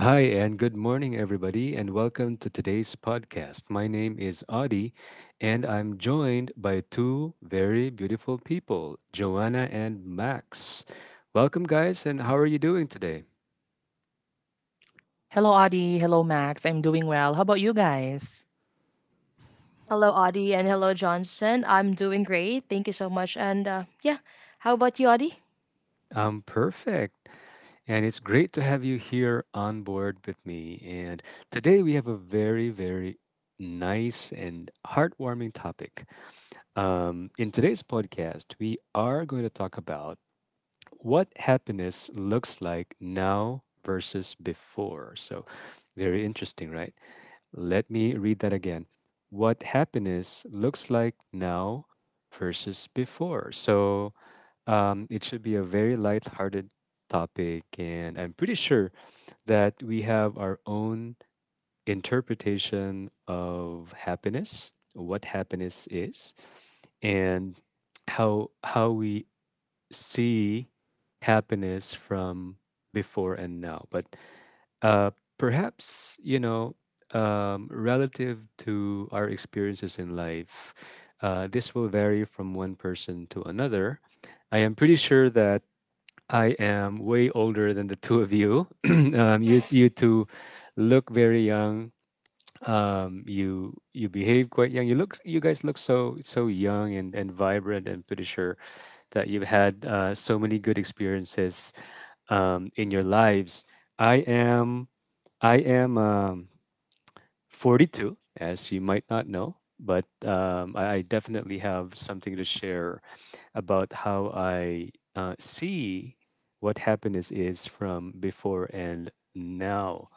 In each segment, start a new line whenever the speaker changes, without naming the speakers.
Hi, and good morning, everybody, and welcome to today's podcast. My name is Audie, and I'm joined by two very beautiful people, Joanna and Max. Welcome, guys, and how are you doing today?
Hello, Adi. Hello, Max. I'm doing well. How about you guys?
Hello, Audie, and hello, Johnson. I'm doing great. Thank you so much. How about you, Audie?
I'm perfect, and it's great to have you here on board with me. And today we have a very, very nice and heartwarming topic. In today's podcast, we are going to talk about what happiness looks like now versus before. So, very interesting, right? Let me read that again. What happiness looks like now versus before. So, it should be a very light-hearted topic, and I'm pretty sure that we have our own interpretation of happiness, what happiness is, and how we see happiness from before and now. But uh, perhaps, you know, um, relative to our experiences in life, this will vary from one person to another. I am pretty sure that I am way older than the two of you. You two look very young. You behave quite young. You look, you guys look so young and vibrant, and pretty sure that you've had so many good experiences in your lives. I am i am um 42, as you might not know, but I definitely have something to share about how I see what happiness is from before and now.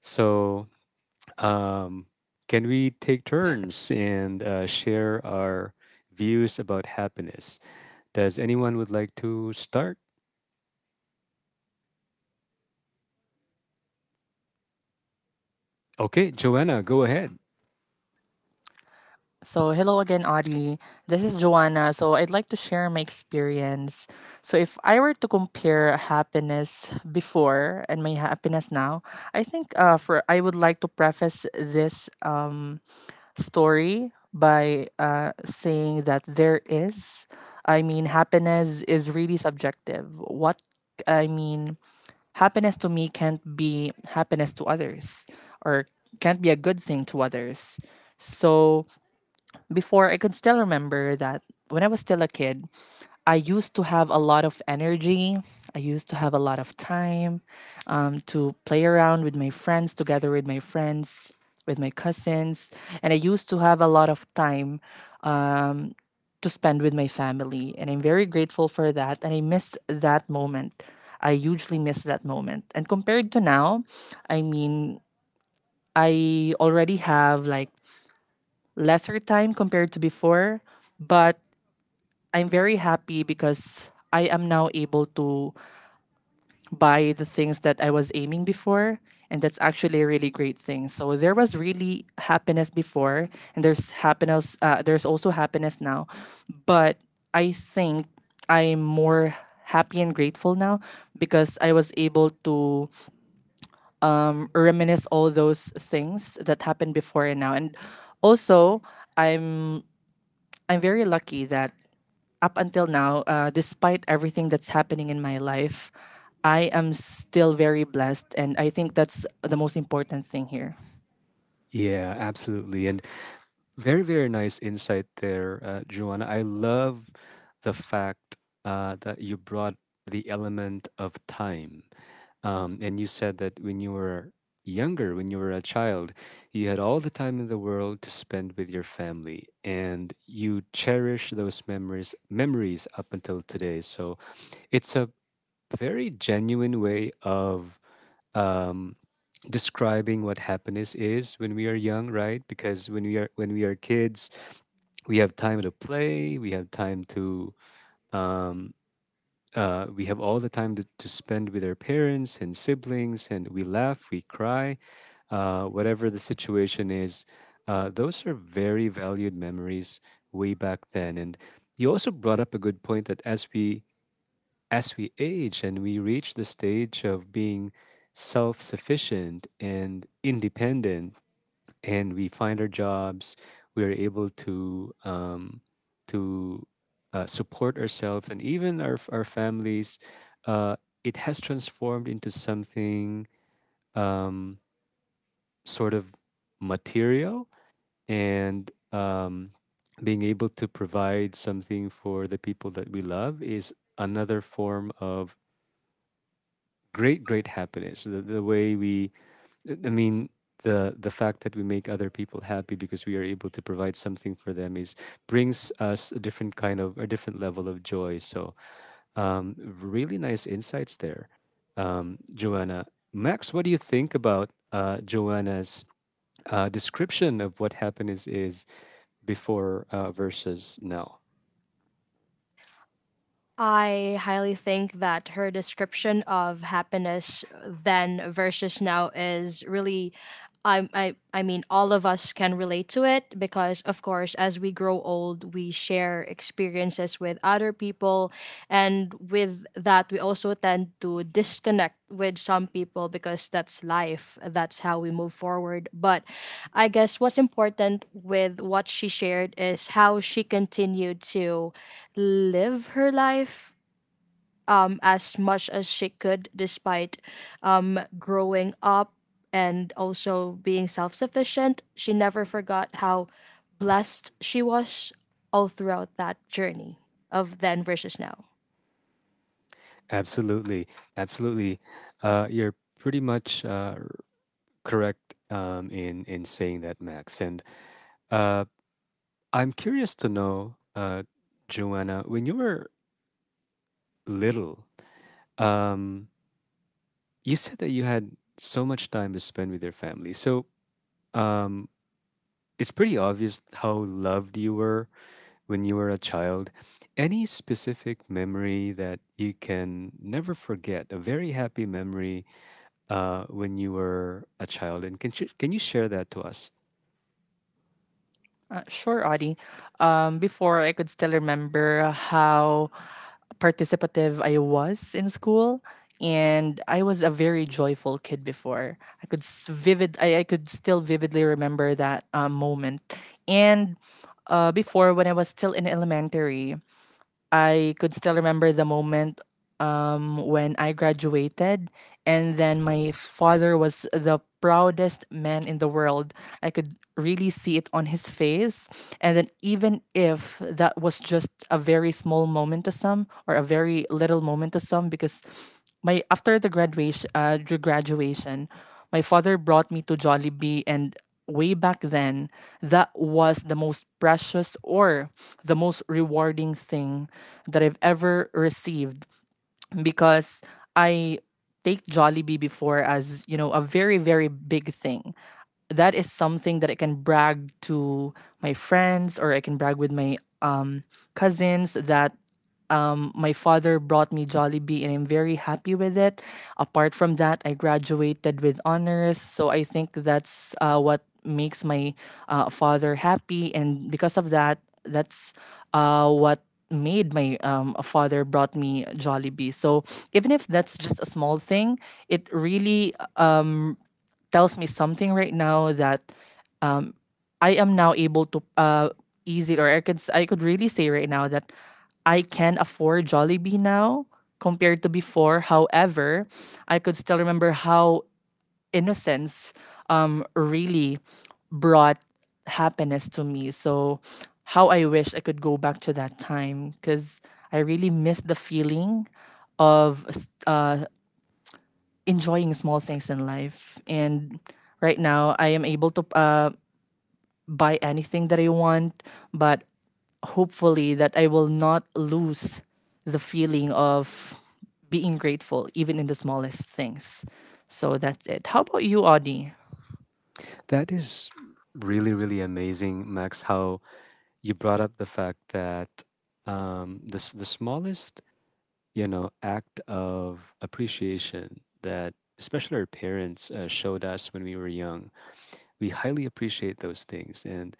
So um, can we take turns and share our views about happiness? Does anyone would like to start? Okay, Joanna, go ahead.
So, hello again, Adi. This is Joanna. So, I'd like to share my experience. So, if I were to compare happiness before and my happiness now, I think for I would like to preface this story by saying that there is, I mean, happiness is really subjective. What I mean, happiness to me can't be happiness to others or can't be a good thing to others. So before I could still remember that when I was still a kid, I used to have a lot of energy. I used to have a lot of time to play around with my friends, together with my friends, with my cousins. And I used to have a lot of time um, to spend with my family. And I'm very grateful for that. And I miss that moment. I hugely miss that moment. And compared to now, I mean, I already have like lesser time compared to before, but I'm very happy because I am now able to buy the things that I was aiming before. And that's actually a really great thing. So there was really happiness before, and there's happiness. There's also happiness now, but I think I'm more happy and grateful now because I was able to reminisce all those things that happened before and now. And also, I'm I'm very lucky that up until now, despite everything that's happening in my life, I am still very blessed, and I think that's the most important thing here.
Yeah, absolutely. And very, very nice insight there, Joanna. I love the fact that you brought the element of time. And you said that when you were younger, when you were a child, you had all the time in the world to spend with your family, and you cherish those memories up until today. So it's a very genuine way of um, describing what happiness is when we are young, right? Because when we are, when we are kids, we have time to play, we have time to um, we have all the time to spend with our parents and siblings, and we laugh, we cry, whatever the situation is. Those are very valued memories way back then. And you also brought up a good point that as we age and we reach the stage of being self-sufficient and independent and we find our jobs, we are able to to support ourselves and even our families. Uh, it has transformed into something um, sort of material, and being able to provide something for the people that we love is another form of great happiness. The, the way we I mean, the the fact that we make other people happy because we are able to provide something for them is brings us a different kind of, a different level of joy. So, really nice insights there, Joanna. Max, what do you think about Joanna's description of what happiness is before versus now?
I highly think that her description of happiness then versus now is really. I mean, all of us can relate to it because, of course, as we grow old, we share experiences with other people. And with that, we also tend to disconnect with some people because that's life. That's how we move forward. But I guess what's important with what she shared is how she continued to live her life as much as she could despite growing up and also being self sufficient. She never forgot how blessed she was all throughout that journey of then versus now.
Absolutely, absolutely. You're pretty much correct in saying that, Max. And uh, I'm curious to know, Joanna, when you were little, um, you said that you had so much time to spend with your family. So um, it's pretty obvious how loved you were when you were a child. Any specific memory that you can never forget, a very happy memory when you were a child? And can you share that to us?
Sure, Audie. Before, I could still remember how participative I was in school, and I was a very joyful kid before. I could still vividly remember that moment, and before when I was still in elementary, I could still remember the moment when I graduated. And then my father was the proudest man in the world. I could really see it on his face. And then, even if that was just a very small moment to some, or a very little moment to some, because my after the graduation, my father brought me to Jollibee, and way back then that was the most precious or the most rewarding thing that I've ever received because I take Jollibee before as a very, very big thing. That is something that I can brag to my friends, or I can brag with my cousins that my father brought me Jollibee, and I'm very happy with it. Apart from that, I graduated with honors. So I think that's what makes my father happy. And because of that, that's what made my father brought me Jollibee. So even if that's just a small thing, it really tells me something right now, that um, I am now able to ease it, or I could really say right now that I can afford Jollibee now compared to before. However, I could still remember how innocence really brought happiness to me. So how I wish I could go back to that time, because I really miss the feeling of uh, enjoying small things in life. And right now, I am able to buy anything that I want, but hopefully, that I will not lose the feeling of being grateful, even in the smallest things. So that's it. How about you, Audie?
That is really, really amazing, Max, how you brought up the fact that the smallest, you know, act of appreciation that especially our parents showed us when we were young, we highly appreciate those things, and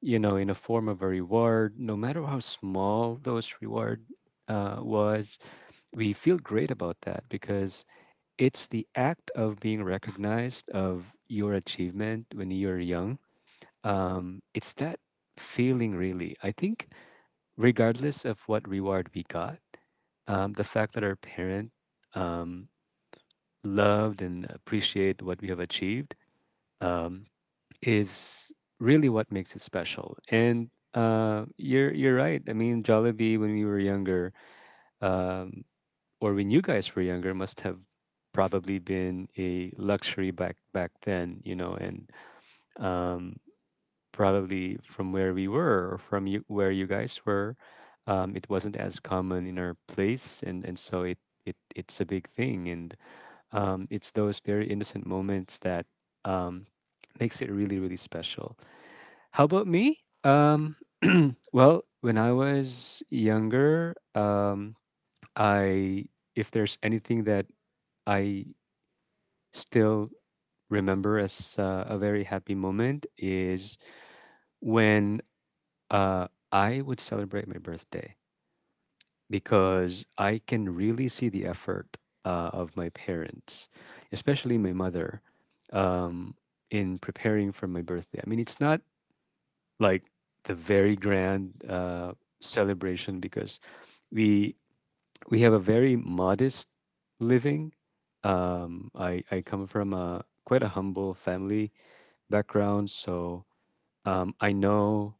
you know, in a form of a reward, no matter how small those reward was, we feel great about that because it's the act of being recognized of your achievement when you are young. It's that feeling really. I think regardless of what reward we got, the fact that our parent um, loved and appreciate what we have achieved um, is really what makes it special. And you're right. I mean, Jollibee when we were younger, um, or when you guys were younger, must have probably been a luxury back then, you know. And um, probably from where we were, or from you, where you guys were, it wasn't as common in our place, and so it it's a big thing, and it's those very innocent moments that um, makes it really really special. How about me? Well, when I was younger, I if there's anything that I still remember as a very happy moment is when I would celebrate my birthday, because I can really see the effort of my parents, especially my mother, um, in preparing for my birthday. I mean, it's not like the very grand celebration because we we have a very modest living. I come from a quite a humble family background, so I know.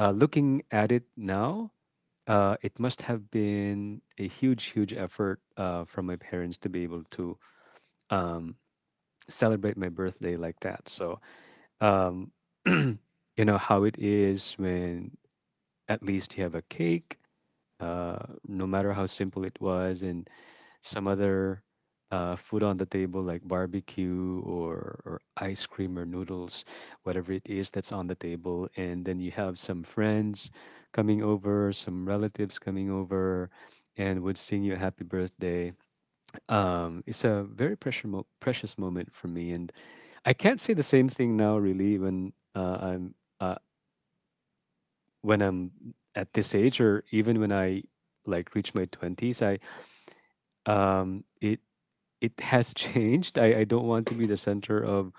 Looking at it now, it must have been a huge, huge effort from my parents to be able to um, celebrate my birthday like that. So, um, you know how it is when at least you have a cake no matter how simple it was, and some other food on the table, like barbecue, or ice cream, or noodles, whatever it is that's on the table. And then you have some friends coming over, some relatives coming over, and would sing you a happy birthday. It's a very precious moment for me. And I can't say the same thing now, really, when I'm. I when I'm at this age, or even when I like reach my 20s, I it it has changed. I don't want to be the center of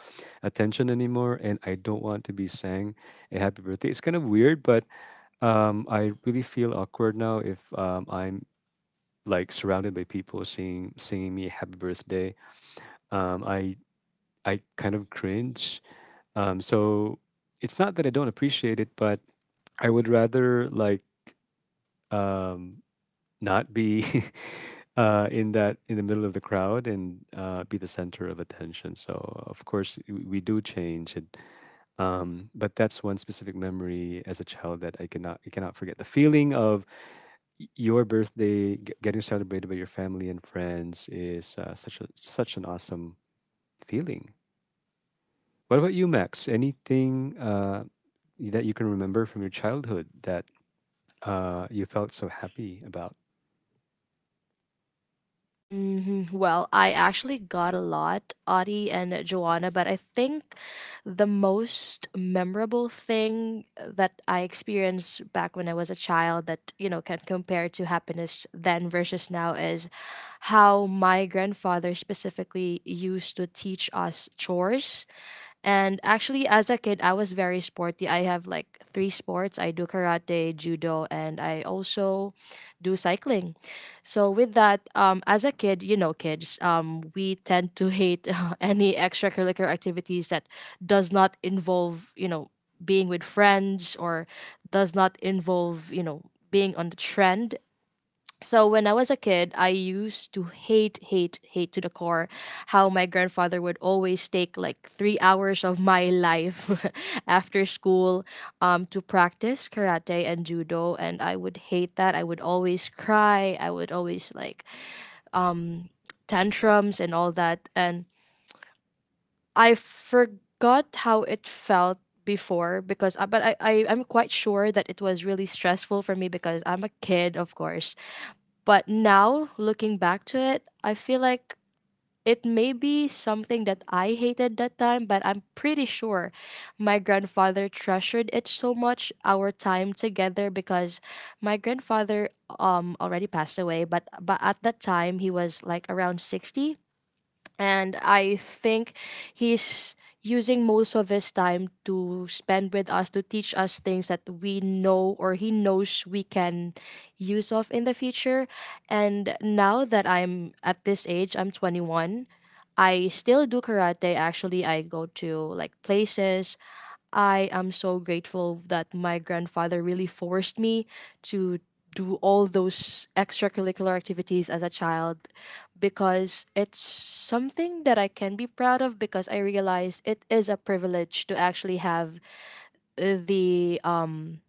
attention anymore, and I don't want to be sang a happy birthday. It's kind of weird, but I really feel awkward now if I'm like surrounded by people singing me happy birthday. Um I I kind of cringe. So it's not that I don't appreciate it, but I would rather like um not be in that, in the middle of the crowd, and be the center of attention. So of course we do change, and but that's one specific memory as a child that I cannot forget. The feeling of your birthday getting celebrated by your family and friends is such an awesome feeling. What about you, Max? Anything that you can remember from your childhood that you felt so happy about?
Mhm. Well, I actually got a lot, Audie and Joanna, but I think the most memorable thing that I experienced back when I was a child that, you know, can compare to happiness then versus now is how my grandfather specifically used to teach us chores. And actually, as a kid, I was very sporty. I have like three sports. I do karate, judo, and I also do cycling. So with that, as a kid, you know, kids, we tend to hate any extracurricular activities that does not involve, you know, being with friends or does not involve, you know, being on the trend. So when I was a kid, I used to hate, hate, hate to the core how my grandfather would always take like 3 hours of my life after school to practice karate and judo. And I would hate that. I would always cry. I would always like tantrums and all that. And I forgot how it felt before because but I I'm quite sure that it was really stressful for me because I'm a kid, of course. But now, looking back to it, I feel like it may be something that I hated that time, but I'm pretty sure my grandfather treasured it so much, our time together, because my grandfather already passed away, but at that time he was like around 60, and I think he's using most of his time to spend with us, to teach us things that we know or he knows we can use of in the future. And now that I'm at this age, I'm 21. I still do karate actually. I go to like places. I am so grateful that my grandfather really forced me to do all those extracurricular activities as a child, because it's something that I can be proud of, because I realize it is a privilege to actually have the um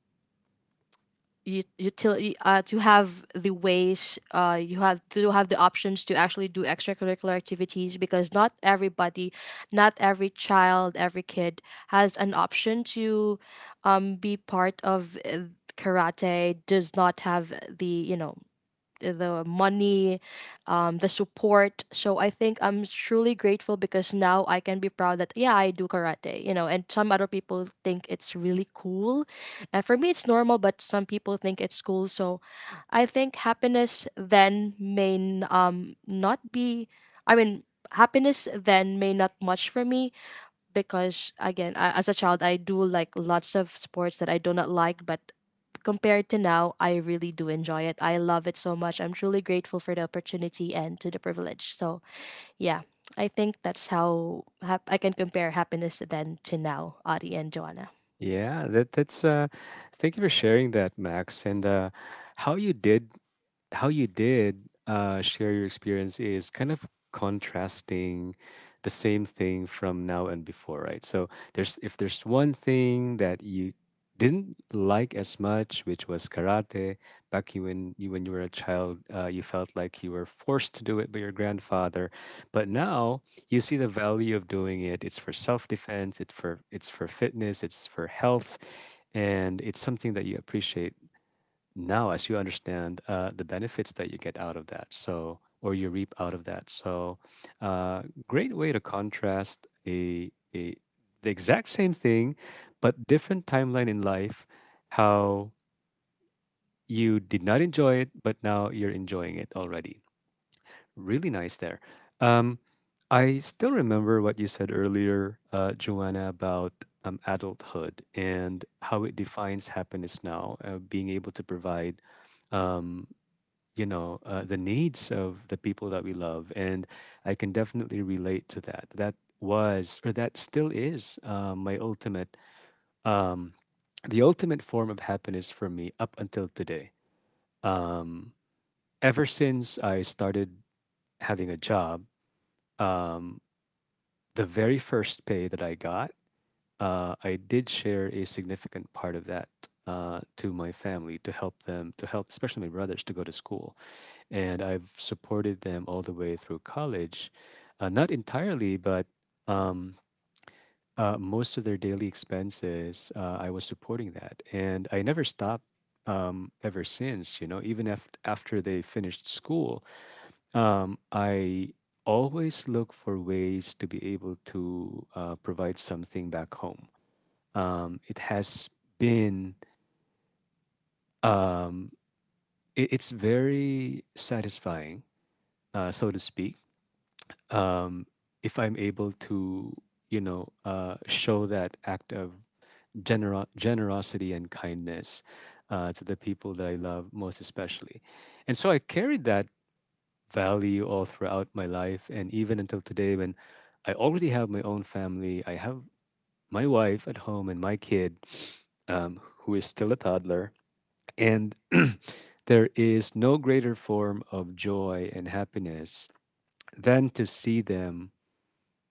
ut- utility, to have the ways, you have to have the options to actually do extracurricular activities, because not everybody, not every child, every kid has an option to be part of karate does not have the, you know, the money, the support. So I think I'm truly grateful because now I can be proud that yeah, I do karate, you know. And some other people think it's really cool, and for me it's normal, but some people think it's cool. So I think happiness then may not be, I mean, happiness then may not much for me, because again, I, as a child, I do like lots of sports that I do not like, but compared to now, I really do enjoy it. I love it so much. I'm truly grateful for the opportunity and to the privilege. So yeah, I think that's how I can compare happiness then to now, Adi and Joanna.
Yeah, that's thank you for sharing that, Max, and how you did how you did share your experience is kind of contrasting the same thing from now and before, right? So there's, if there's one thing that you didn't like as much, which was karate, back you when you were a child, you felt like you were forced to do it by your grandfather, but now you see the value of doing it. It's for self defense. It's for, it's for fitness. It's for health, and it's something that you appreciate now as you understand the benefits that you get out of that, so, or you reap out of that, so great way to contrast a the exact same thing but different timeline in life, how you did not enjoy it but now you're enjoying it already. Really nice there. um, I still remember what you said earlier, Joanna, about adulthood and how it defines happiness now, being able to provide um, the needs of the people that we love. And I can definitely relate to that. That was or that still is my ultimate um, the ultimate form of happiness for me up until today. um, Ever since I started having a job, um, the very first pay that I got, I did share a significant part of that to my family, to help them, to help especially my brothers to go to school, and I've supported them all the way through college. Not entirely, but um, most of their daily expenses, I was supporting that, and I never stopped ever since. You know, even after they finished school, I always look for ways to be able to provide something back home. It has been um, it, it's very satisfying, so to speak, um, if I'm able to, show that act of generosity and kindness, to the people that I love most, especially. And so I carried that value all throughout my life, and even until today, when I already have my own family. I have my wife at home and my kid, who is still a toddler, and there is no greater form of joy and happiness than to see them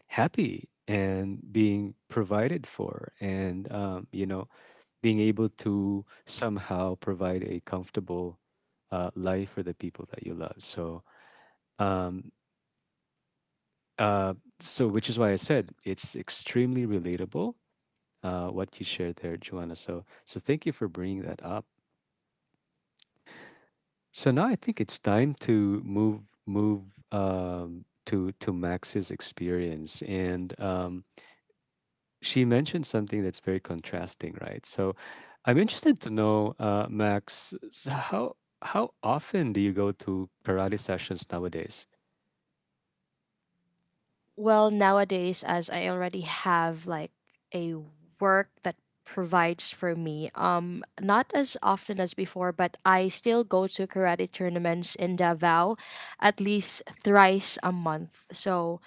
happy and being provided for, and being able to somehow provide a comfortable life for the people that you love. So um, uh, so which is why I said it's extremely relatable, what you shared there, Joanna, so thank you for bringing that up. So now I think it's time to move to Max's experience, and she mentioned something that's very contrasting, right? So I'm interested to know, Max, how often do you go to karate sessions nowadays?
Well, nowadays, as I already have like a work that provides for me, not as often as before, but I still go to karate tournaments in Davao at least thrice a month. So,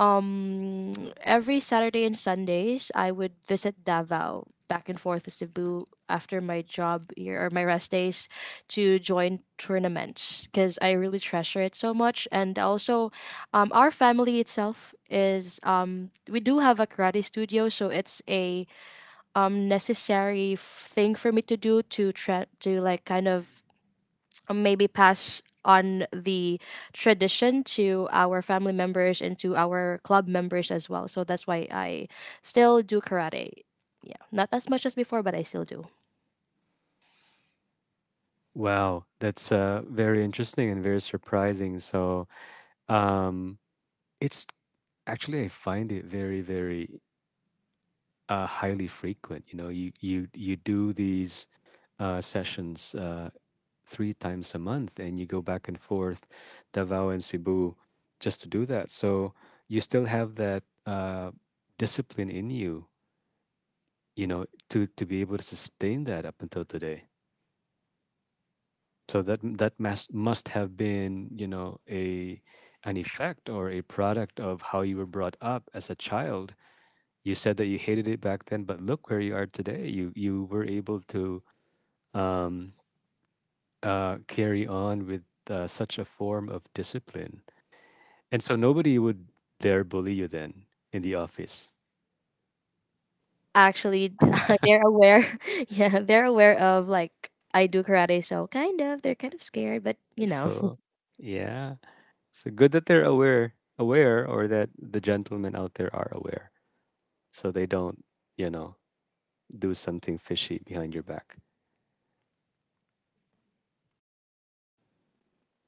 um, every Saturday and Sundays, I would visit Davao back and forth to Cebu after my job year or my rest days to join tournaments because I really treasure it so much. And also, our family itself is we do have a karate studio, so it's a necessary thing for me to do, to try to like kind of maybe pass on the tradition to our family members and to our club members as well. So that's why I still do karate. Yeah, not as much as before, but I still do.
Wow, that's very interesting and very surprising. So, um, it's actually, I find it very, very highly frequent. You know, you do these sessions. Three times a month, and you go back and forth, Davao and Cebu, just to do that. So you still have that discipline in you, you know, to be able to sustain that up until today. So that must have been, you know, a an effect or a product of how you were brought up as a child. You said that you hated it back then, but look where you are today. You were able to um, carry on with such a form of discipline. And so nobody would dare bully you then in the office.
Actually, they're aware. Yeah, they're aware of like I do karate, so kind of they're kind of scared, but you know.
So, yeah. So good that they're aware, or that the gentlemen out there are aware. So they don't, you know, do something fishy behind your back.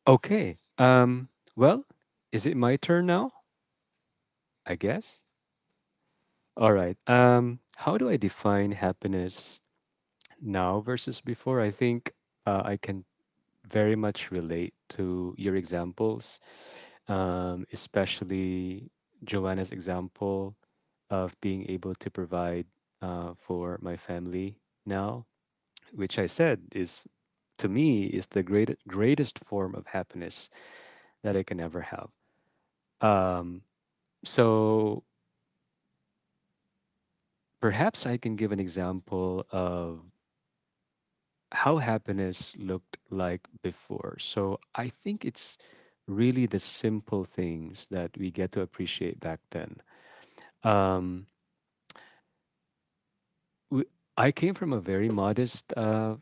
Okay. Well, is it my turn now? I guess. All right. How do I define happiness now versus before? I think I can very much relate to your examples, especially Joanna's example of being able to provide for my family now, which I said is, to me, is the greatest form of happiness that I can ever have. Um, so perhaps I can give an example of how happiness looked like before. So I think it's really the simple things that we get to appreciate back then. Um, we, I came from a very modest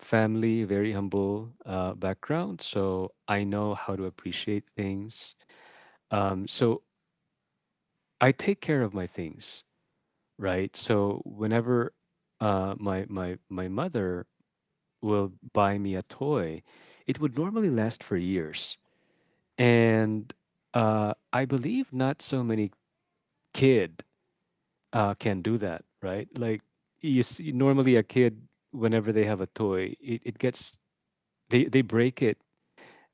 family, very humble background, so I know how to appreciate things. So I take care of my things, right? So whenever my mother will buy me a toy, it would normally last for years, and I believe not so many kid can do that, right? Like you see, normally a kid, whenever they have a toy, it gets they break it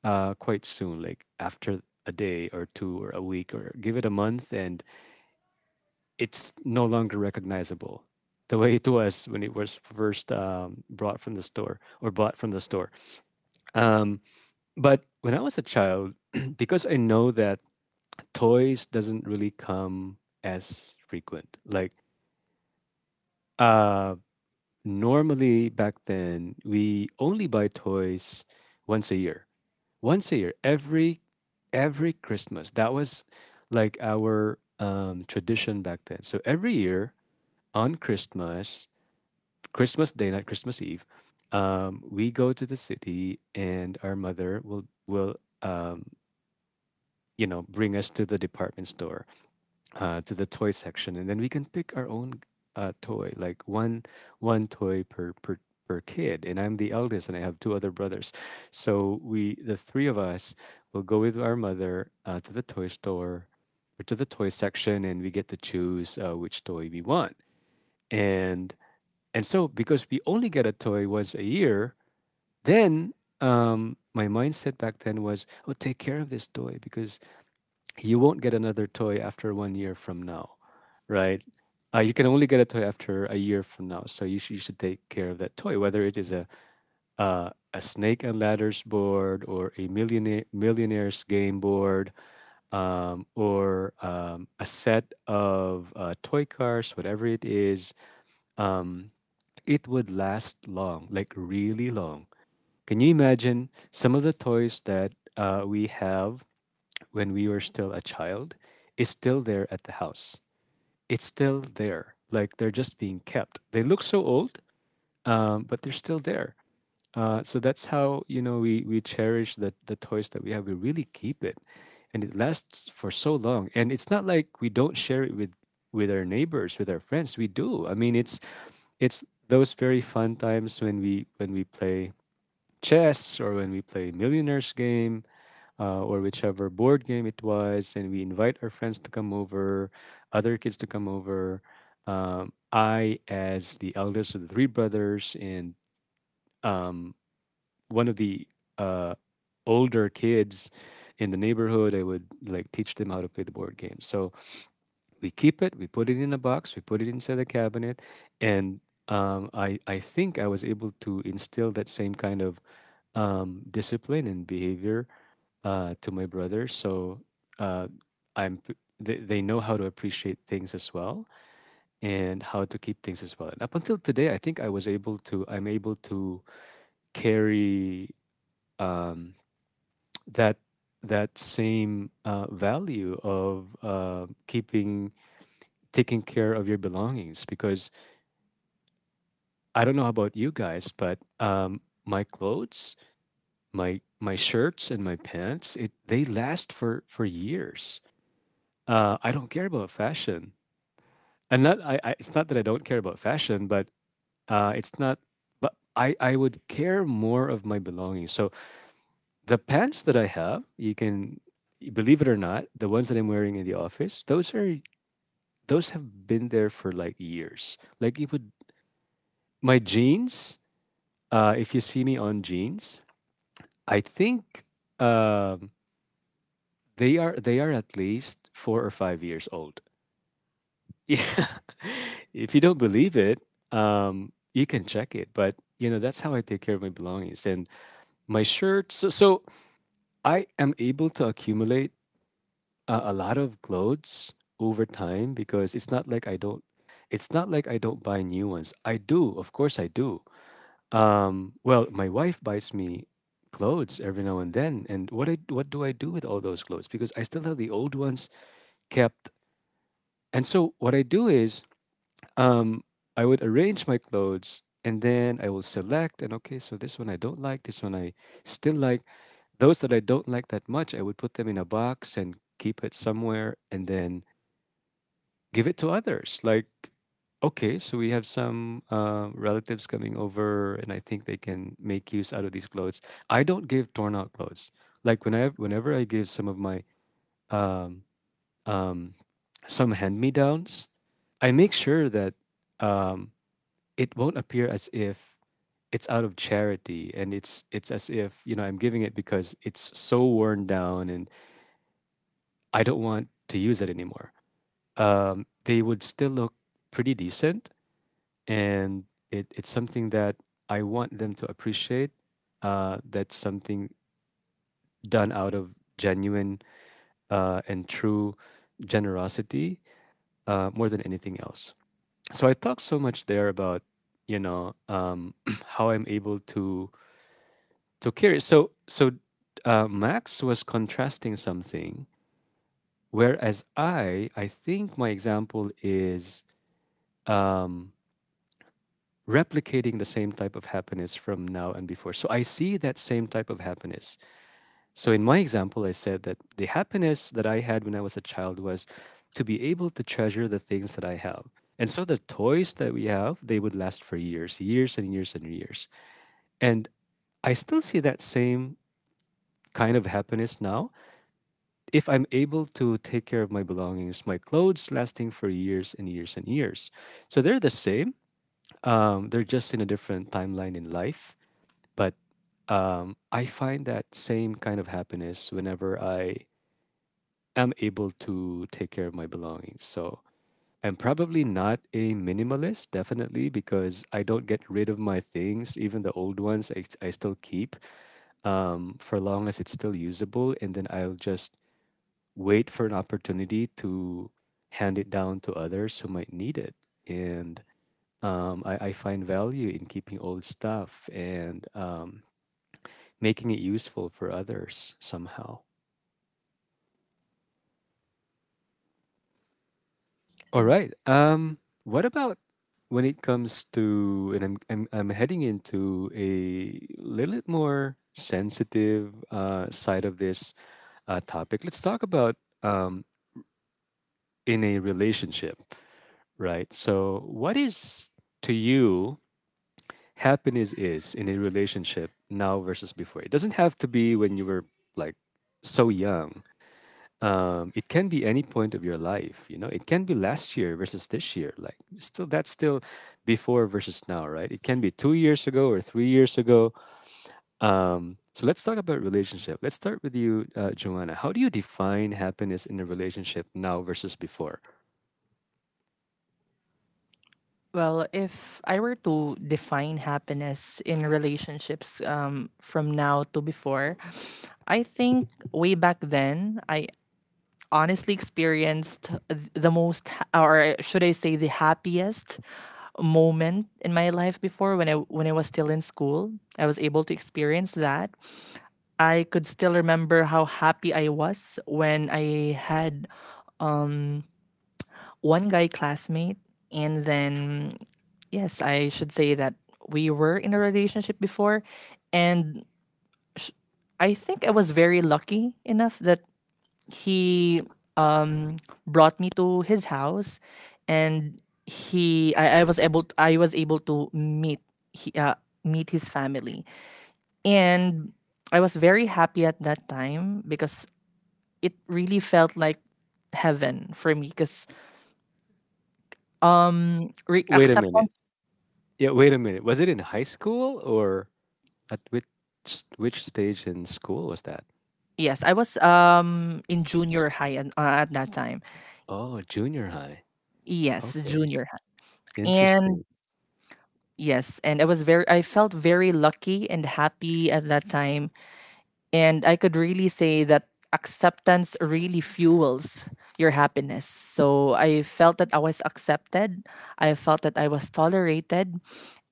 quite soon, like after a day or two, or a week, or give it a month, and it's no longer recognizable the way it was when it was first brought from the store, or bought from the store. Um, but when I was a child, because I know that toys doesn't really come as frequent, like. Uh, Normally back then, we only buy toys once a year once a year, every Christmas. That was like our tradition back then. So every year on Christmas, Christmas Day, not Christmas Eve, we go to the city, and our mother will um, bring us to the department store, to the toy section, and then we can pick our own toy, like one toy per kid. And I'm the eldest, and I have two other brothers, so we the three of us will go with our mother, to the toy store, or to the toy section, and we get to choose which toy we want. And and so because we only get a toy once a year, then, my mindset back then was, oh, take care of this toy, because you won't get another toy after one year from now, right? You can only get a toy after a year from now, so you should take care of that toy, whether it is a snake and ladders board, or a millionaires game board, or a set of toy cars, whatever it is. Um, it would last long, like really long. Can you imagine, some of the toys that we have when we were still a child is still there at the house. It's still there. Like they're just being kept. They look so old, but they're still there. So that's how, you know, we cherish the toys that we have. We really keep it, and it lasts for so long. And it's not like we don't share it with our neighbors, with our friends. We do. I mean, it's those very fun times when we play chess, or when we play millionaires game, or whichever board game it was, and we invite our friends to come over, other kids to come over. I, as the eldest of the three brothers, and um, one of the uh, older kids in the neighborhood, I would like teach them how to play the board game. So we keep it, we put it in a box, we put it inside the cabinet, and I think I was able to instill that same kind of discipline and behavior, to my brother. So uh, they know how to appreciate things as well, and how to keep things as well. And up until today, I think I'm able to carry um, that that same value of keeping taking care of your belongings, because I don't know about you guys, but my clothes, my shirts and my pants, it they last for years. I don't care about fashion. And not I, I it's not that I don't care about fashion, but it's not. But I would care more of my belongings. So the pants that I have, you can believe it or not, the ones that I'm wearing in the office, those have been there for like years. Like, you would my jeans. If you see me on jeans, I think, um, they are at least 4 or 5 years old. Yeah. If you don't believe it, you can check it. But you know, that's how I take care of my belongings and my shirts. So I am able to accumulate a lot of clothes over time, because it's not like I don't. It's not like I don't buy new ones. I do, of course, I do. Well, my wife buys me clothes every now and then, and what do I do with all those clothes? Because I still have the old ones kept. And so what I do is, Um, I would arrange my clothes, and then I will select, and, okay, so this one I don't like, this one I still like. Those that I don't like that much, I would put them in a box and keep it somewhere, and then give it to others. Like, okay, so we have some relatives coming over, and I think they can make use out of these clothes. I don't give torn out clothes. Like, whenever I give some of my um, um, some hand me downs, I make sure that um, it won't appear as if it's out of charity, and it's as if, you know, I'm giving it because it's so worn down and I don't want to use it anymore. They would still look pretty decent, and it's something that I want them to appreciate, that's something done out of genuine, and true generosity, more than anything else. So I talked so much there about, you know um, how I'm able to — so curious. So Max was contrasting something, whereas I think my example is um, replicating the same type of happiness from now and before. So I see that same type of happiness. So in my example, I said that the happiness that I had when I was a child was to be able to treasure the things that I have. And so the toys that we have, they would last for years, years and years and years. And I still see that same kind of happiness now, if I'm able to take care of my belongings, my clothes lasting for years and years and years. So they're the same. They're just in a different timeline in life. But I find that same kind of happiness whenever I am able to take care of my belongings. So I'm probably not a minimalist, definitely, because I don't get rid of my things, even the old ones I still keep for long as it's still usable, and then I'll just wait for an opportunity to hand it down to others who might need it. And I find value in keeping old stuff and making it useful for others somehow. All right. What about when it comes to, and I'm heading into a little bit more sensitive side of this topic. Let's talk about um, in a relationship, right? So, what is to you happiness is in a relationship now versus before. It doesn't have to be when you were like so young. It can be any point of your life. You know, it can be last year versus this year. Like still, that's still before versus now, right? It can be 2 years ago or 3 years ago. So let's talk about relationship. Let's start with you, Joanna. How do you define happiness in a relationship now versus before?
Well, if I were to define happiness in relationships from now to before, I think way back then, I honestly experienced or should I say, the happiest moment in my life before when I was still in school. I was able to experience that. I could still remember how happy I was when I had one guy classmate, and then yes, I should say that we were in a relationship before, and I think I was very lucky enough that he um, brought me to his house, and he I was able to he, uh, meet his family, and I was very happy at that time because it really felt like heaven for me because
Wait a minute.
acceptance.
Yeah, wait a minute. Was it in high school or at which stage in school was that?
Yes, I was in junior high, and at that time.
Oh, junior high.
Yes,
Okay.
junior high. And
Interesting.
yes, and I felt very lucky and happy at that time. And I could really say that acceptance really fuels your happiness. So I felt that I was accepted. I felt that I was tolerated,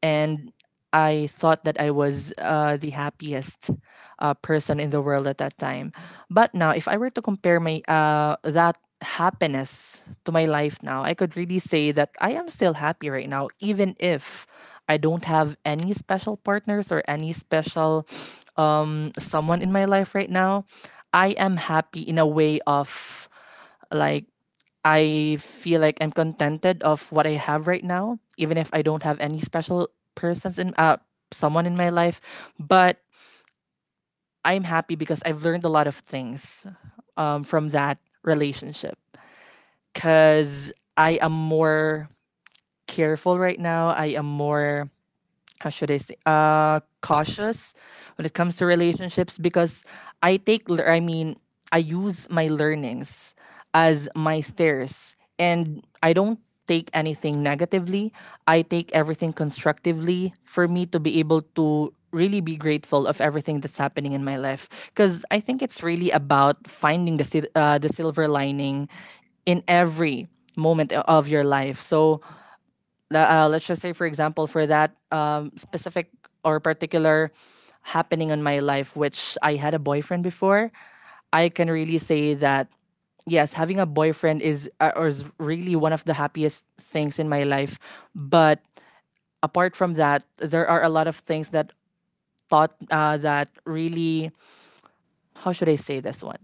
and I thought that I was the happiest person in the world at that time. But now, if I were to compare my that happiness to my life now, I could really say that I am still happy right now, even if I don't have any special partners or any special someone in my life right now. I am happy in a way of, like, I feel like I'm contented of what I have right now, even if I don't have any special persons in someone in my life. But I'm happy because I've learned a lot of things from that relationship. Cause I am more careful right now. I am more, how should I say, cautious, when it comes to relationships, because I mean, I use my learnings as my stairs, and I don't take anything negatively. I take everything constructively, for me to be able to really be grateful of everything that's happening in my life, because I think it's really about finding the silver lining in every moment of your life. So let's just say, for example, for that specific or particular happening in my life, which I had a boyfriend before, I can really say that yes, having a boyfriend is really one of the happiest things in my life. But apart from that, there are a lot of things that thought that really how should I say this one,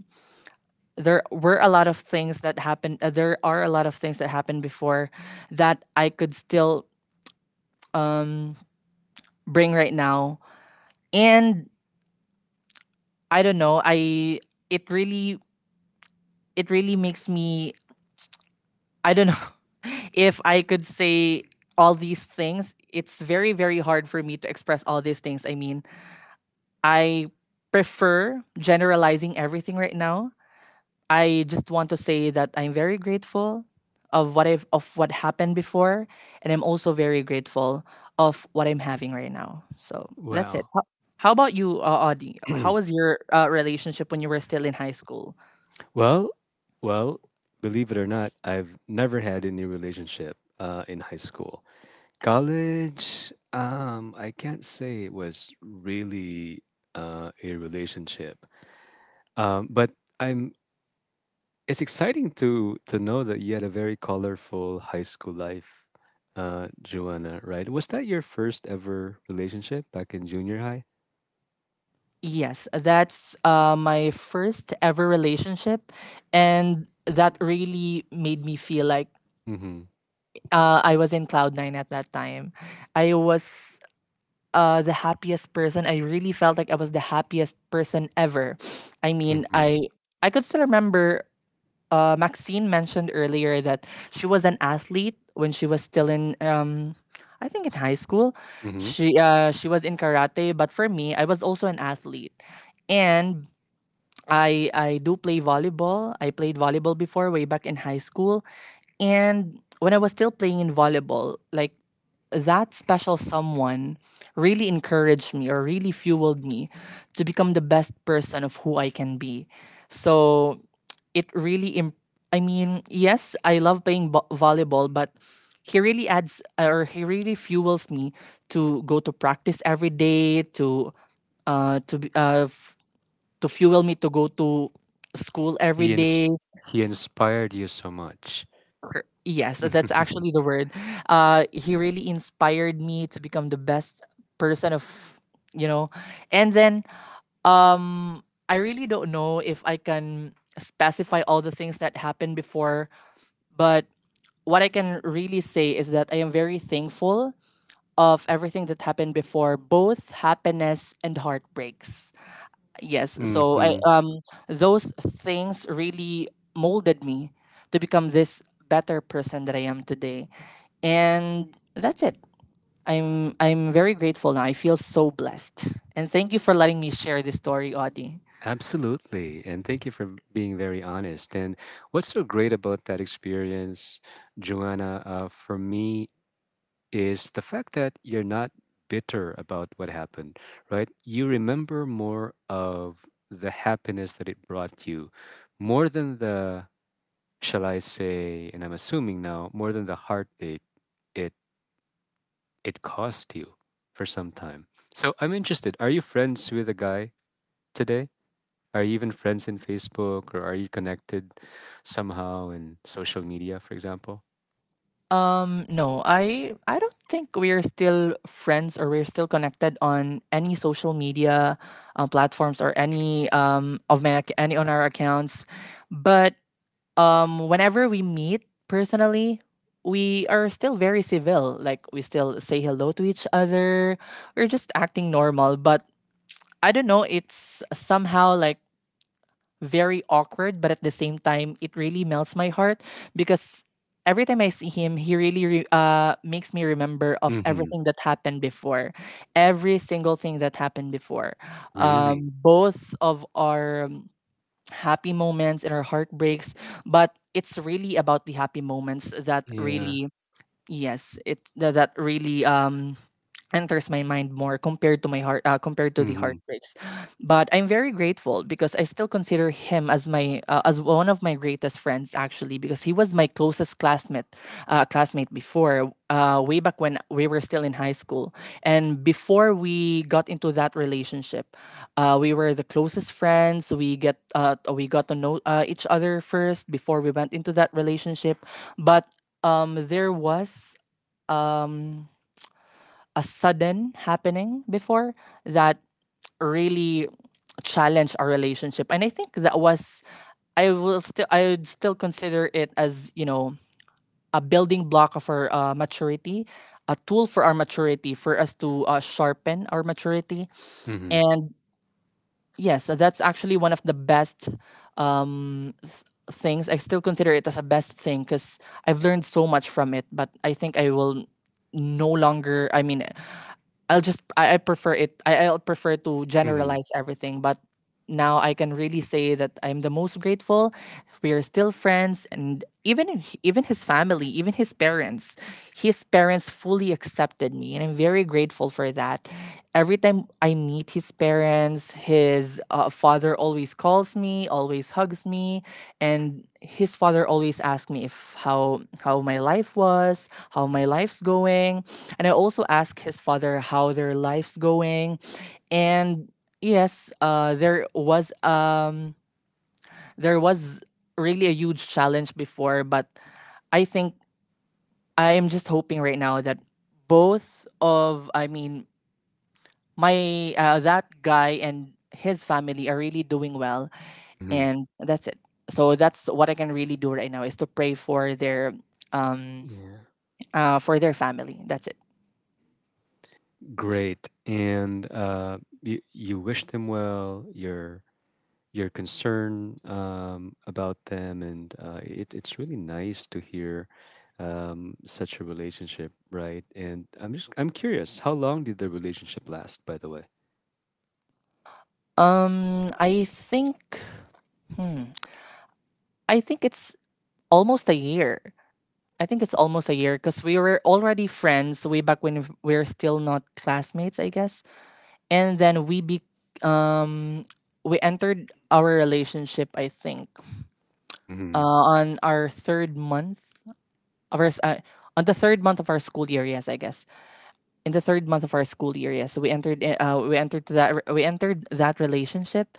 there were a lot of things that happened there are a lot of things that happened before that I could still um, bring right now. And I don't know. I it really it really makes me, I don't know, if I could say all these things. It's very, very hard for me to express all these things. I mean, I prefer generalizing everything right now. I just want to say that I'm very grateful of what happened before, and I'm also very grateful of what I'm having right now. So that's it.
Wow.
How about you, Audie? How was your relationship when you were still in high school?
Well, well, believe it or not, I've never had any relationship in high school. College, I can't say it was really a relationship, but I'm it's exciting to know that you had a very colorful high school life, Joanna. Right? Was that your first ever relationship back in junior high?
Yes, that's my first ever relationship. And that really made me feel like
Mm-hmm.
I was in cloud nine at that time. I was the happiest person. I really felt like I was the happiest person ever. I mean,
Mm-hmm.
I could still remember Maxine mentioned earlier that she was an athlete when she was still in I think, in high school.
Mm-hmm.
She was in karate, but for me, I was also an athlete. And I do play volleyball. I played volleyball before way back in high school. And when I was still playing in volleyball, like, that special someone really encouraged me, or really fueled me to become the best person of who I can be. So it really imp- I mean, yes, I love playing volleyball, but he really fuels me to go to practice every day, to uh to be- uh f- to fuel me to go to school every
He ins-
day.
he inspired you so much.
Yes, that's actually the word. He really inspired me to become the best person of, you know. And then um, I really don't know if I can specify all the things that happened before, but what I can really say is that I am very thankful of everything that happened before, both happiness and heartbreaks. Yes, so I
Mm-hmm.
those things really molded me to become this better person that I am today. And that's it. I'm very grateful now. I feel so blessed. And thank you for letting me share this story, Audie.
Absolutely. And thank you for being very honest. And what's so great about that experience, Joanna? For me, is the fact that you're not bitter about what happened, right? You remember more of the happiness that it brought you, more than the, shall I say, and I'm assuming now, more than the heartache it it cost you for some time. So I'm interested. Are you friends with a guy today? Are you even friends in Facebook or are you connected somehow in social media, for example?
No, I don't think we're still friends, or we're still connected on any social media platforms, or any of my ac- any on our accounts. But whenever we meet personally, we are still very civil. Like, we still say hello to each other. We're just acting normal. But I don't know, it's somehow like very awkward, but at the same time, it really melts my heart, because every time I see him, he really makes me remember of
Mm-hmm.
everything that happened before, every single thing that happened before.
Really?
Both of our happy moments and our heartbreaks, but it's really about the happy moments that
Yeah.
really, yes, that really enters my mind more compared to my heart, compared to the
Mm-hmm.
heartbreaks. But I'm very grateful because I still consider him as my as one of my greatest friends, actually, because he was my closest classmate, classmate before, way back when we were still in high school. And before we got into that relationship, we were the closest friends, we got to know each other first before we went into that relationship. But there was um, a sudden happening before that really challenged our relationship. And I think that was, I will still, I would still consider it as, you know, a building block of our maturity, a tool for our maturity, for us to sharpen our maturity.
Mm-hmm.
And yes, that's actually one of the best things. I still consider it as a best thing because I've learned so much from it. But I think I will no longer. I mean, I prefer it. I'll prefer to
Mm-hmm.
generalize everything. But now I can really say that I'm the most grateful. We are still friends, and even his family, even his parents fully accepted me, and I'm very grateful for that. Every time I meet his parents, his father always calls me, always hugs me, and his father always asks me if how my life was, how my life's going, and I also ask his father how their life's going. And yes, there was really a huge challenge before. But I think I am just hoping right now that both of, I mean, my that guy and his family are really doing well,
Mm-hmm.
and that's it. So that's what I can really do right now, is to pray um
Yeah,
for their family. That's it.
great. And you, you wish them well. You're concerned about them, and it's really nice to hear such a relationship, right? And I'm curious, how long did the relationship last, by the way?
I think, hmm, I think it's almost a year. I think it's almost a year because we were already friends way back when we were still not classmates, I guess. And then um we entered our relationship, I think,
Mm-hmm.
on our third month of our s- uh, on the third month of our school year. Yes, I guess in the third month of our school year. Yes, we entered. We entered that. We entered that relationship,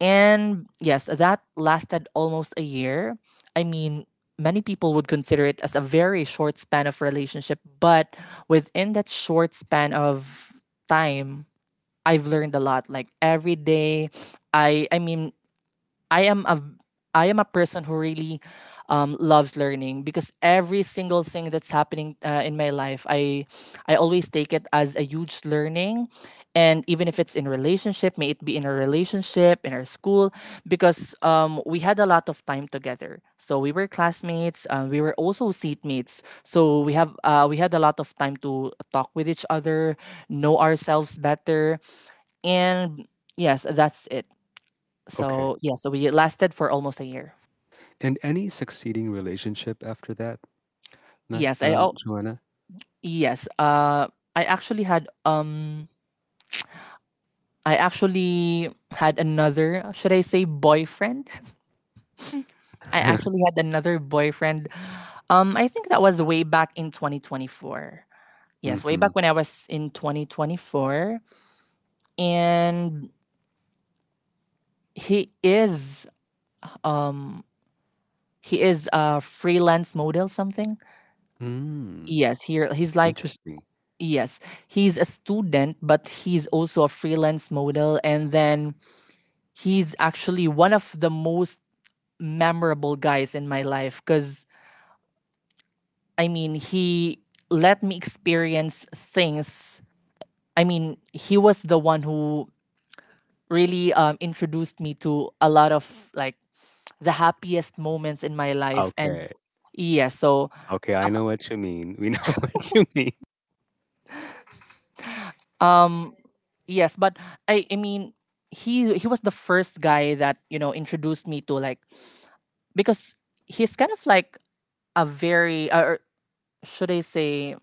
and yes, that lasted almost a year. I mean, many people would consider it as a very short span of relationship, but within that short span of time, I've learned a lot. Like every day, I mean I am a I am a person who really loves learning because every single thing that's happening in my life, I always take it as a huge learning. And even if it's in relationship, may it be in a relationship in our school, because we had a lot of time together. So we were classmates, we were also seatmates. So we had a lot of time to talk with each other, know ourselves better, and yes, that's it.
Okay.
So yeah, so we lasted for almost a year.
And any succeeding relationship after that, Matt,
Yes, I, oh
Joanna?
yes. I actually had I actually had another. Should I say boyfriend? I actually had another boyfriend. I think that was way back in 2024. Yes, way
Mm-hmm.
back when I was in 2024, and he is um he is a freelance model, something.
Mm,
Yes, he's like,
interesting.
yes, he's a student, but he's also a freelance model. And then he's actually one of the most memorable guys in my life because, I mean, he let me experience things. I mean, he was the one who really introduced me to a lot of, like, the happiest moments in my life. And
Okay.
yeah, so
Okay, I know what you mean. We know what you mean.
yes, but I mean, he was the first guy that, you know, introduced me to, like, because he's kind of like a very or should I say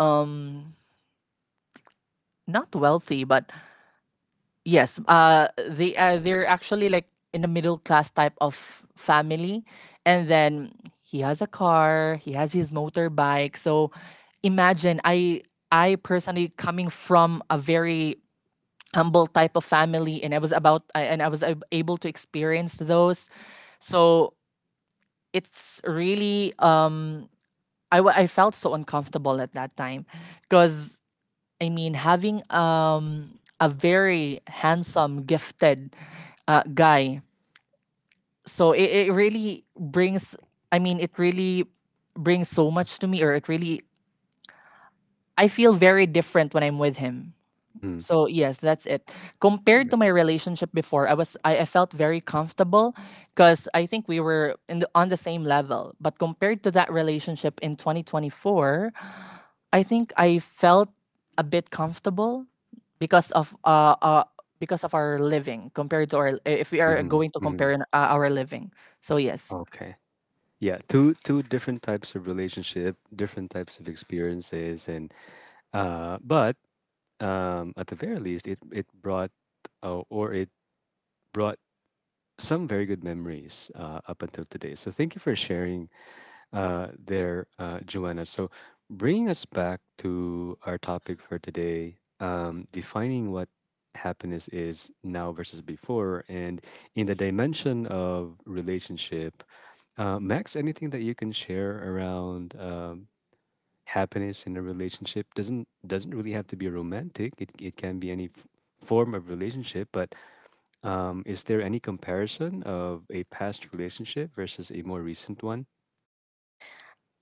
um not wealthy, but yes, they're actually like in a middle class type of family. And then he has a car, he has his motorbike, so imagine, I personally coming from a very humble type of family, and I was about I- and I was able to experience those. So it's really I felt so uncomfortable at that time because, I mean, having a very handsome, gifted guy, so it really brings, I mean, it really brings so much to me, or it really, I feel very different when I'm with him.
Mm-hmm.
So yes, that's it. Compared
Weird.
to my relationship before, I felt very comfortable because I think we were in the, on the same level, but compared to that relationship in 2024, I think I felt a bit comfortable because of uh, uh because of our living, compared to our, if we are
Mm-hmm.
going to
Mm-hmm.
compare our living. So yes,
Okay. Yeah, two two different types of relationship, different types of experiences, and but at the very least, it brought or it brought some very good memories up until today. So thank you for sharing there, Joanna. So bringing us back to our topic for today, defining what happiness is now versus before, and in the dimension of relationship. Max, anything that you can share around happiness in a relationship doesn't really have to be romantic. It can be any form of relationship. But is there any comparison of a past relationship versus a more recent one?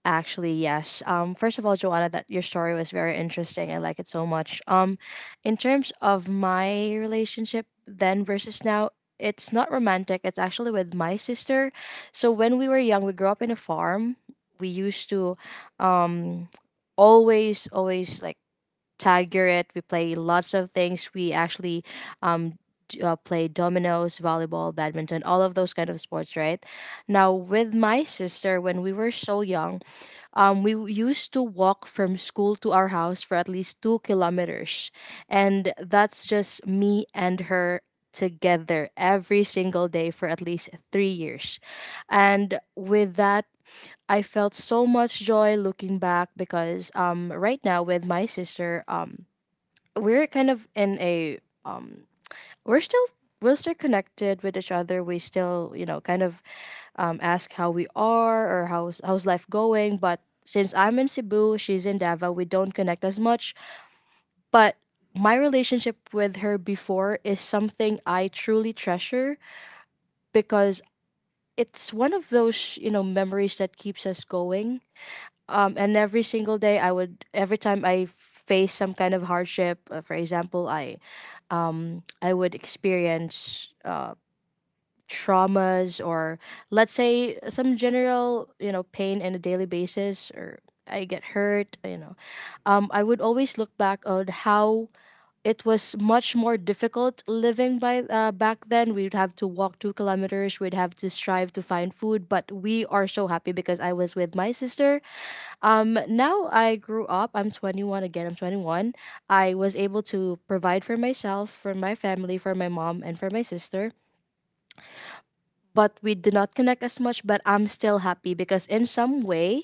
Actually, yes. First of all, Joanna, that your story was very interesting. I like it so much. In terms of my relationship then versus now, it's not romantic. It's actually with my sister. So when we were young, we grew up in a farm. We used to, um, always, always like tag your it. We play lots of things. We actually, um. Play dominoes, volleyball, badminton, all of those kind of sports, right? Now, with my sister, when we were so young, we used to walk from school to our house for at least 2 kilometers. And that's just me and her together every single day for at least 3 years. And with that, I felt so much joy looking back because right now with my sister, we're kind of in a um, we're still we're still connected with each other. We still, you know, kind of ask how we are or how's life going. But since I'm in Cebu, she's in Davao, we don't connect as much. But my relationship with her before is something I truly treasure, because it's one of those, you know, memories that keeps us going. And every single day, I would every time I face some kind of hardship, for example, I would experience traumas or let's say some general, you know, pain in a daily basis, or I get hurt, you know. I would always look back on how it was much more difficult living by back then, we'd have to walk 2 kilometers, we'd have to strive to find food, but we are so happy because I was with my sister. Now I grew up, I'm 21. I was able to provide for myself, for my family, for my mom, and for my sister, but we did not connect as much. But I'm still happy because in some way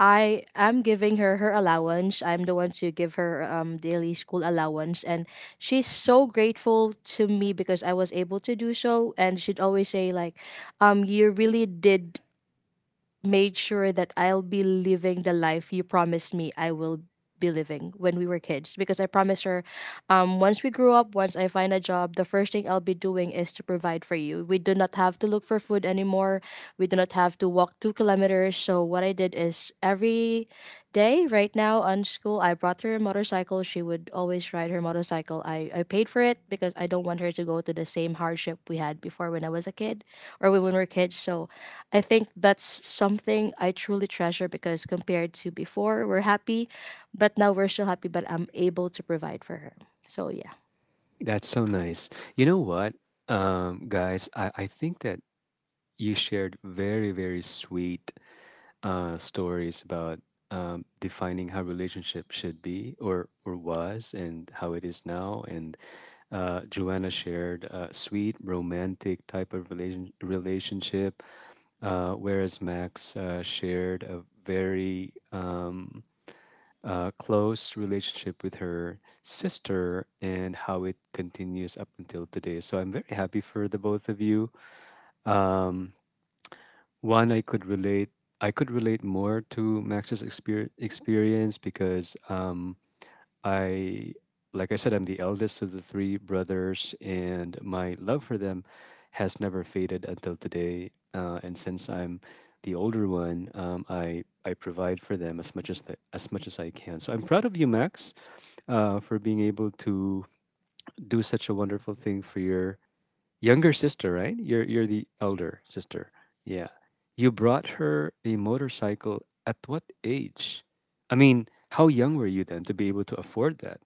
I am giving her her allowance. I'm the one to give her daily school allowance, and she's so grateful to me because I was able to do so. And she'd always say like, you really did made sure that I'll be living the life you promised me I will be living when we were kids. Because I promised her, once we grow up, once I find a job, the first thing I'll be doing is to provide for you. We do not have to look for food anymore. We do not have to walk 2 kilometers. So what I did is every day right now on school, I brought her a motorcycle. She would always ride her motorcycle. I paid for it because I don't want her to go to the same hardship we had before when I was a kid, or when we were kids. So I think that's something I truly treasure because compared to before, we're happy, but now we're still happy, but I'm able to provide for her. So yeah.
That's so nice. You know what, guys, I think that you shared very very sweet stories about defining how relationship should be or was and how it is now and Joanna shared, sweet, romantic type of relationship, whereas Max shared a very close relationship with her sister and how it continues up until today. So I'm very happy for the both of you. Um, one, I could relate. I could relate more to Max's experience because I, like I said, I'm the eldest of the three brothers, and my love for them has never faded until today. And since I'm the older one, I provide for them as much as as much as I can. So I'm proud of you, Max, for being able to do such a wonderful thing for your younger sister. Right? You're the elder sister. Yeah. You brought her a motorcycle at what age? I mean, how young were you then to be able to afford that?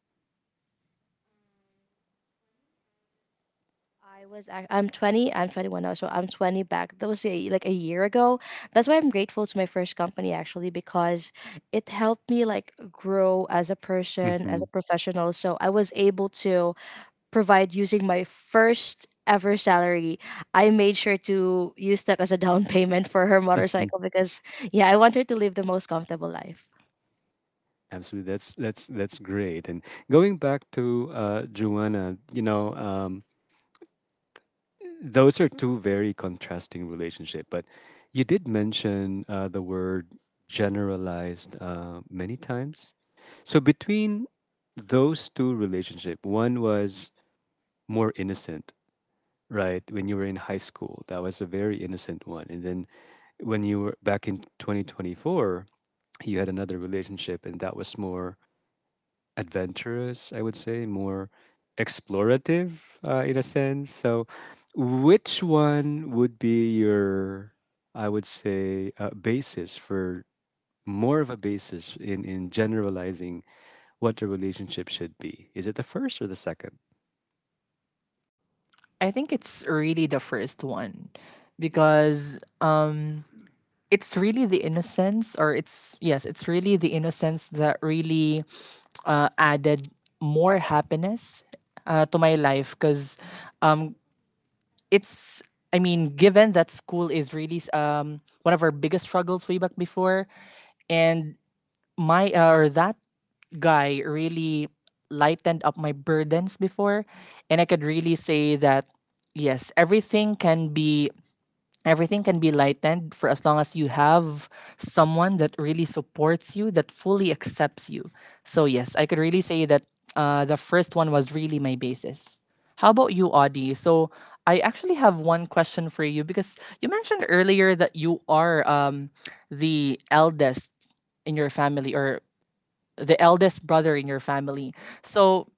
I'm 20, I'm 21 now, so I'm 20 back. That was a, like a year ago. That's why I'm grateful to my first company actually, because it helped me like grow as a person, as
Mm-hmm.
a professional. So I was able to provide using my first ever salary. I made sure to use that as a down payment for her
Mm-hmm.
motorcycle, because yeah, I want her to live the most comfortable life.
Absolutely. That's great. And going back to Joanna, you know, those are two very contrasting relationship. But you did mention the word generalized many times. So between those two relationship, one was more innocent, right? When you were in high school, that was a very innocent one, and then when you were back in 2024, you had another relationship and that was more adventurous, I would say, more explorative in a sense. So, which one would be your, I would say, basis for more of a basis in generalizing what a relationship should be? Is it the first or the second?
I think it's really the first one, because it's really the innocence, or it's, yes, it's really the innocence that really added more happiness to my life, because it's, I mean, given that school is really one of our biggest struggles way back before, and my or that guy really lightened up my burdens before. And I could really say that yes, everything can be lightened for as long as you have someone that really supports you, that fully accepts you. So yes, I could really say that the first one was really my basis. How about you, Audie? So, I actually have one question for you because you mentioned earlier that you are the eldest in your family, or the eldest brother in your family. So,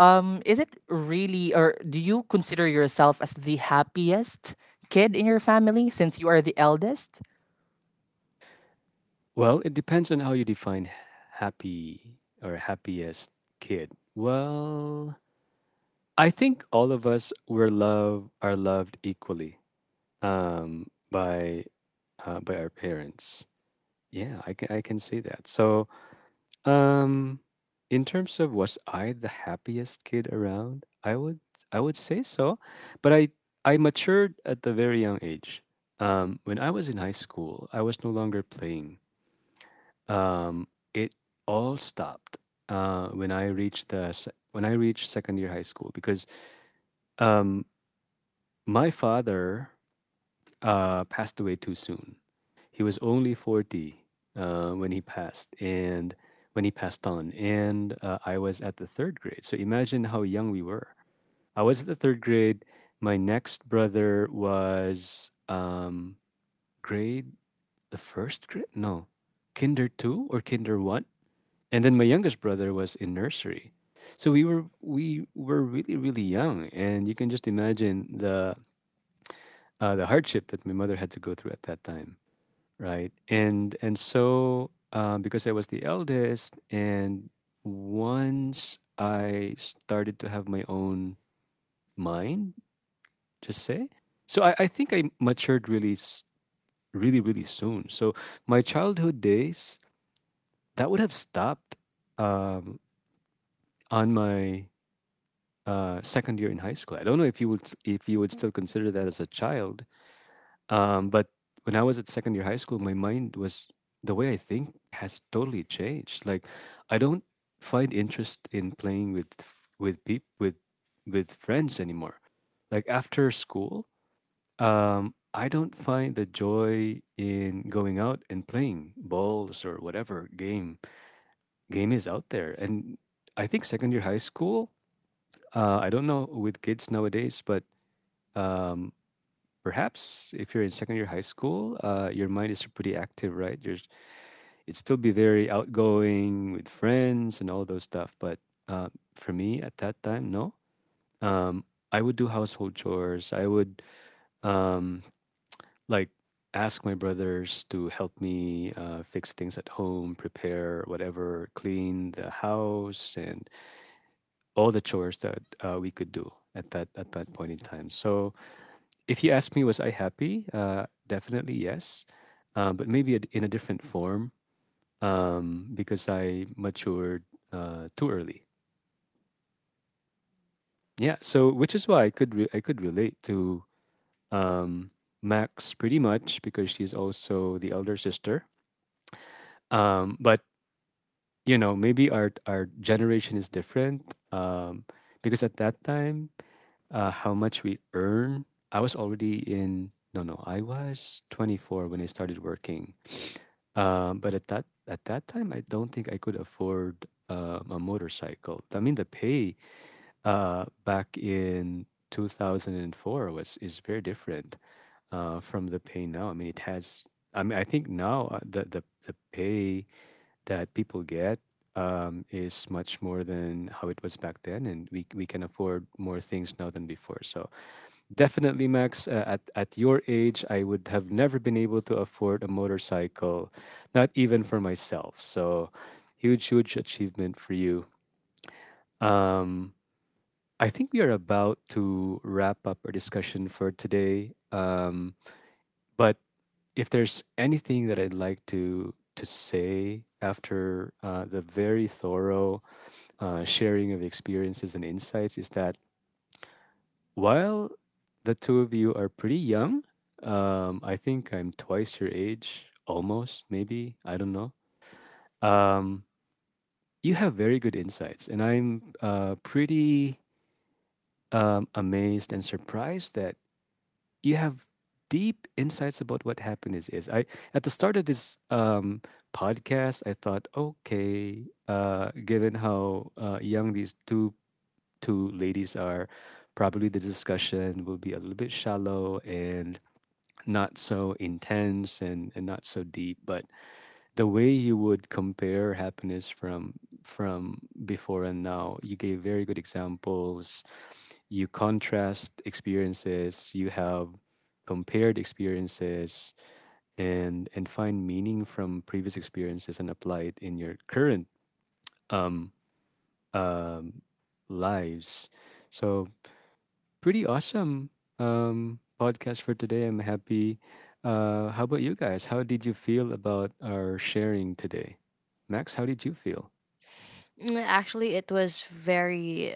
is it really, or do you consider yourself as the happiest kid in your family since you are the eldest?
Well, it depends on how you define happy or happiest kid. Well, I think all of us were love are loved equally. By by our parents. Yeah, I can see that. So, um, in terms of was I the happiest kid around? I would say so, but I matured at a very young age. When I was in high school, I was no longer playing. It all stopped when I reached the when I reached second year high school because um, my father passed away too soon. He was only 40 when he passed, and when he passed on, and I was at the third grade. So imagine how young we were. I was at the third grade. My next brother was grade the first grade, no, kinder two or kinder one, and then my youngest brother was in nursery. So we were really really young, and you can just imagine the hardship that my mother had to go through at that time, right? And so because I was the eldest and once I started to have my own mind, just say, so I think I matured really really soon. So my childhood days that would have stopped um, on my second year in high school, I don't know if you would if you would still consider that as a child. But when I was at second year high school, my mind was the way I think has totally changed. Like, I don't find interest in playing with people with friends anymore. Like after school, I don't find the joy in going out and playing balls or whatever game is out there. And I think second year high school, I don't know with kids nowadays, but um, perhaps if you're in second year high school, your mind is pretty active, right? You're, you'd still be very outgoing with friends and all those stuff. But uh, for me at that time, no. Um, I would do household chores. I would um, like ask my brothers to help me fix things at home, prepare whatever, clean the house, and all the chores that we could do at that point in time. So if you ask me, was I happy? Definitely yes, but maybe in a different form because I matured too early. Yeah, so which is why I could I could relate to um, Max pretty much because she's also the elder sister. But you know, maybe our generation is different because at that time, how much we earn, I was already in. No, no, I was 24 when I started working. But at that time, I don't think I could afford a motorcycle. I mean, the pay back in 2004 was is very different from the pay now. I mean, it has. I mean, I think now the pay that people get is much more than how it was back then, and we can afford more things now than before. So definitely, Max. At your age, I would have never been able to afford a motorcycle, not even for myself. So, huge, huge achievement for you. Um, I think we are about to wrap up our discussion for today. But if there's anything that I'd like to say after the very thorough sharing of experiences and insights, is that while the two of you are pretty young, I think I'm twice your age, almost, maybe, I don't know. Um, you have very good insights, and I'm pretty amazed and surprised that you have deep insights about what happiness is. I at the start of this podcast, I thought, okay, given how young these two two ladies are, probably the discussion will be a little bit shallow and not so intense and not so deep, but the way you would compare happiness from before and now, you gave very good examples, you contrast experiences, you have compared experiences, and find meaning from previous experiences and apply it in your current um, um, lives. So pretty awesome podcast for today. I'm happy. How about you guys? How did you feel about our sharing today? Max, how did you feel?
Mm, actually, it was very,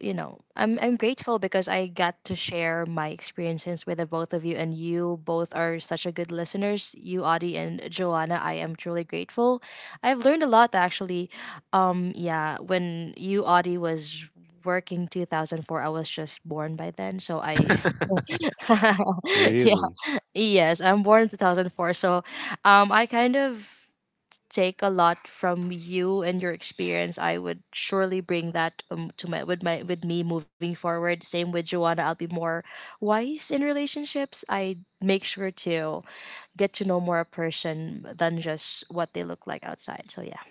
you know, I'm grateful because I got to share my experiences with the both of you, and you both are such a good listeners. You, Audie, and Joanna, I am truly grateful. I've learned a lot actually. Yeah, when you, Audie, was working 2004, I was just born by then, so I yeah,
Really?
yes, I'm born in 2004. So I kind of take a lot from you and your experience. I would surely bring that to my with me moving forward. Same with Joanna. I'll be more wise in relationships. I make sure to get to know more a person than just what they look like outside. So yeah.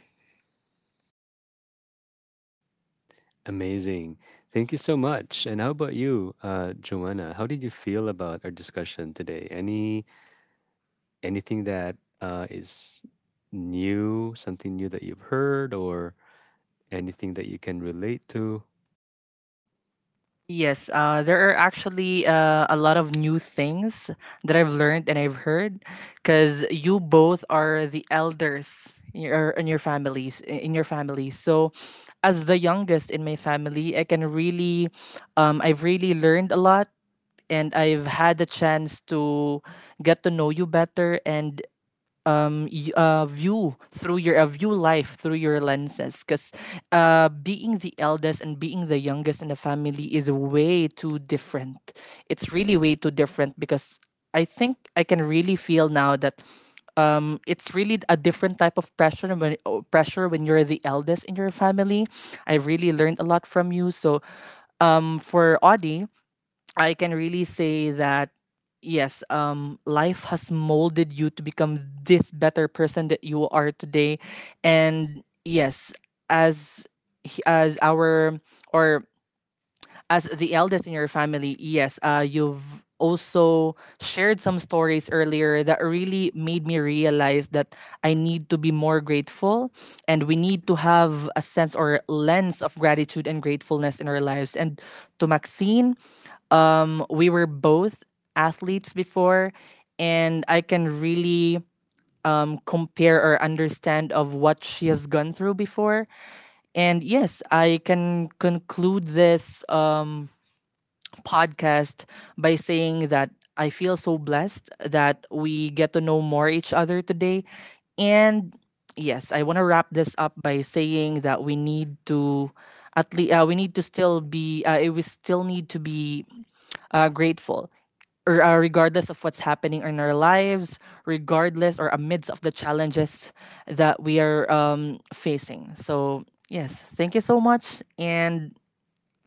Amazing. Thank you so much. And how about you, Joanna? How did you feel about our discussion today? Any anything that is new, something new that you've heard, or anything that you can relate to?
Yes, there are actually a lot of new things that I've learned and I've heard, because you both are the elders in your, in your families. So, as the youngest in my family, I can really, I've really learned a lot, and I've had the chance to get to know you better, and view through your view life through your lenses, because being the eldest and being the youngest in the family is way too different. It's really way too different, because I think I can really feel now that it's really a different type of pressure when, oh, pressure when you're the eldest in your family. I really learned a lot from you. So, for Audie, I can really say that yes, life has molded you to become this better person that you are today. And yes, as as our, or as the eldest in your family, yes, you've also shared some stories earlier that really made me realize that I need to be more grateful, and we need to have a sense or lens of gratitude and gratefulness in our lives. And to Maxine, we were both athletes before, and I can really compare or understand of what she has gone through before. And yes, I can conclude this podcast by saying that I feel so blessed that we get to know more each other today. And yes, I want to wrap this up by saying that we need to at least, we need to still be, we still need to be grateful or regardless of what's happening in our lives, regardless or amidst of the challenges that we are facing. So yes, thank you so much. And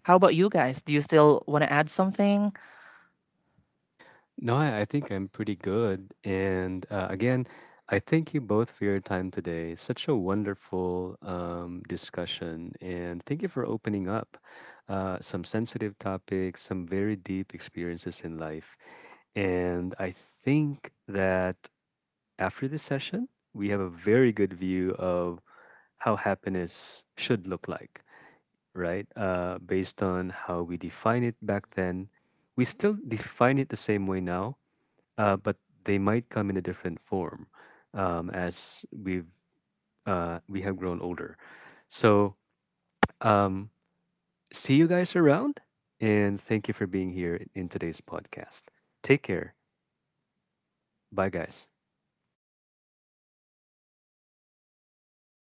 how about you guys, do you still want to add something?
No, I think I'm pretty good. And again, I thank you both for your time today. Such a wonderful discussion. And thank you for opening up some sensitive topics, some very deep experiences in life. And I think that after this session, we have a very good view of how happiness should look like, right? Based on how we define it back then. We still define it the same way now, but they might come in a different form as we've we have grown older. So um, see you guys around, and thank you for being here in today's podcast. Take care. Bye, guys.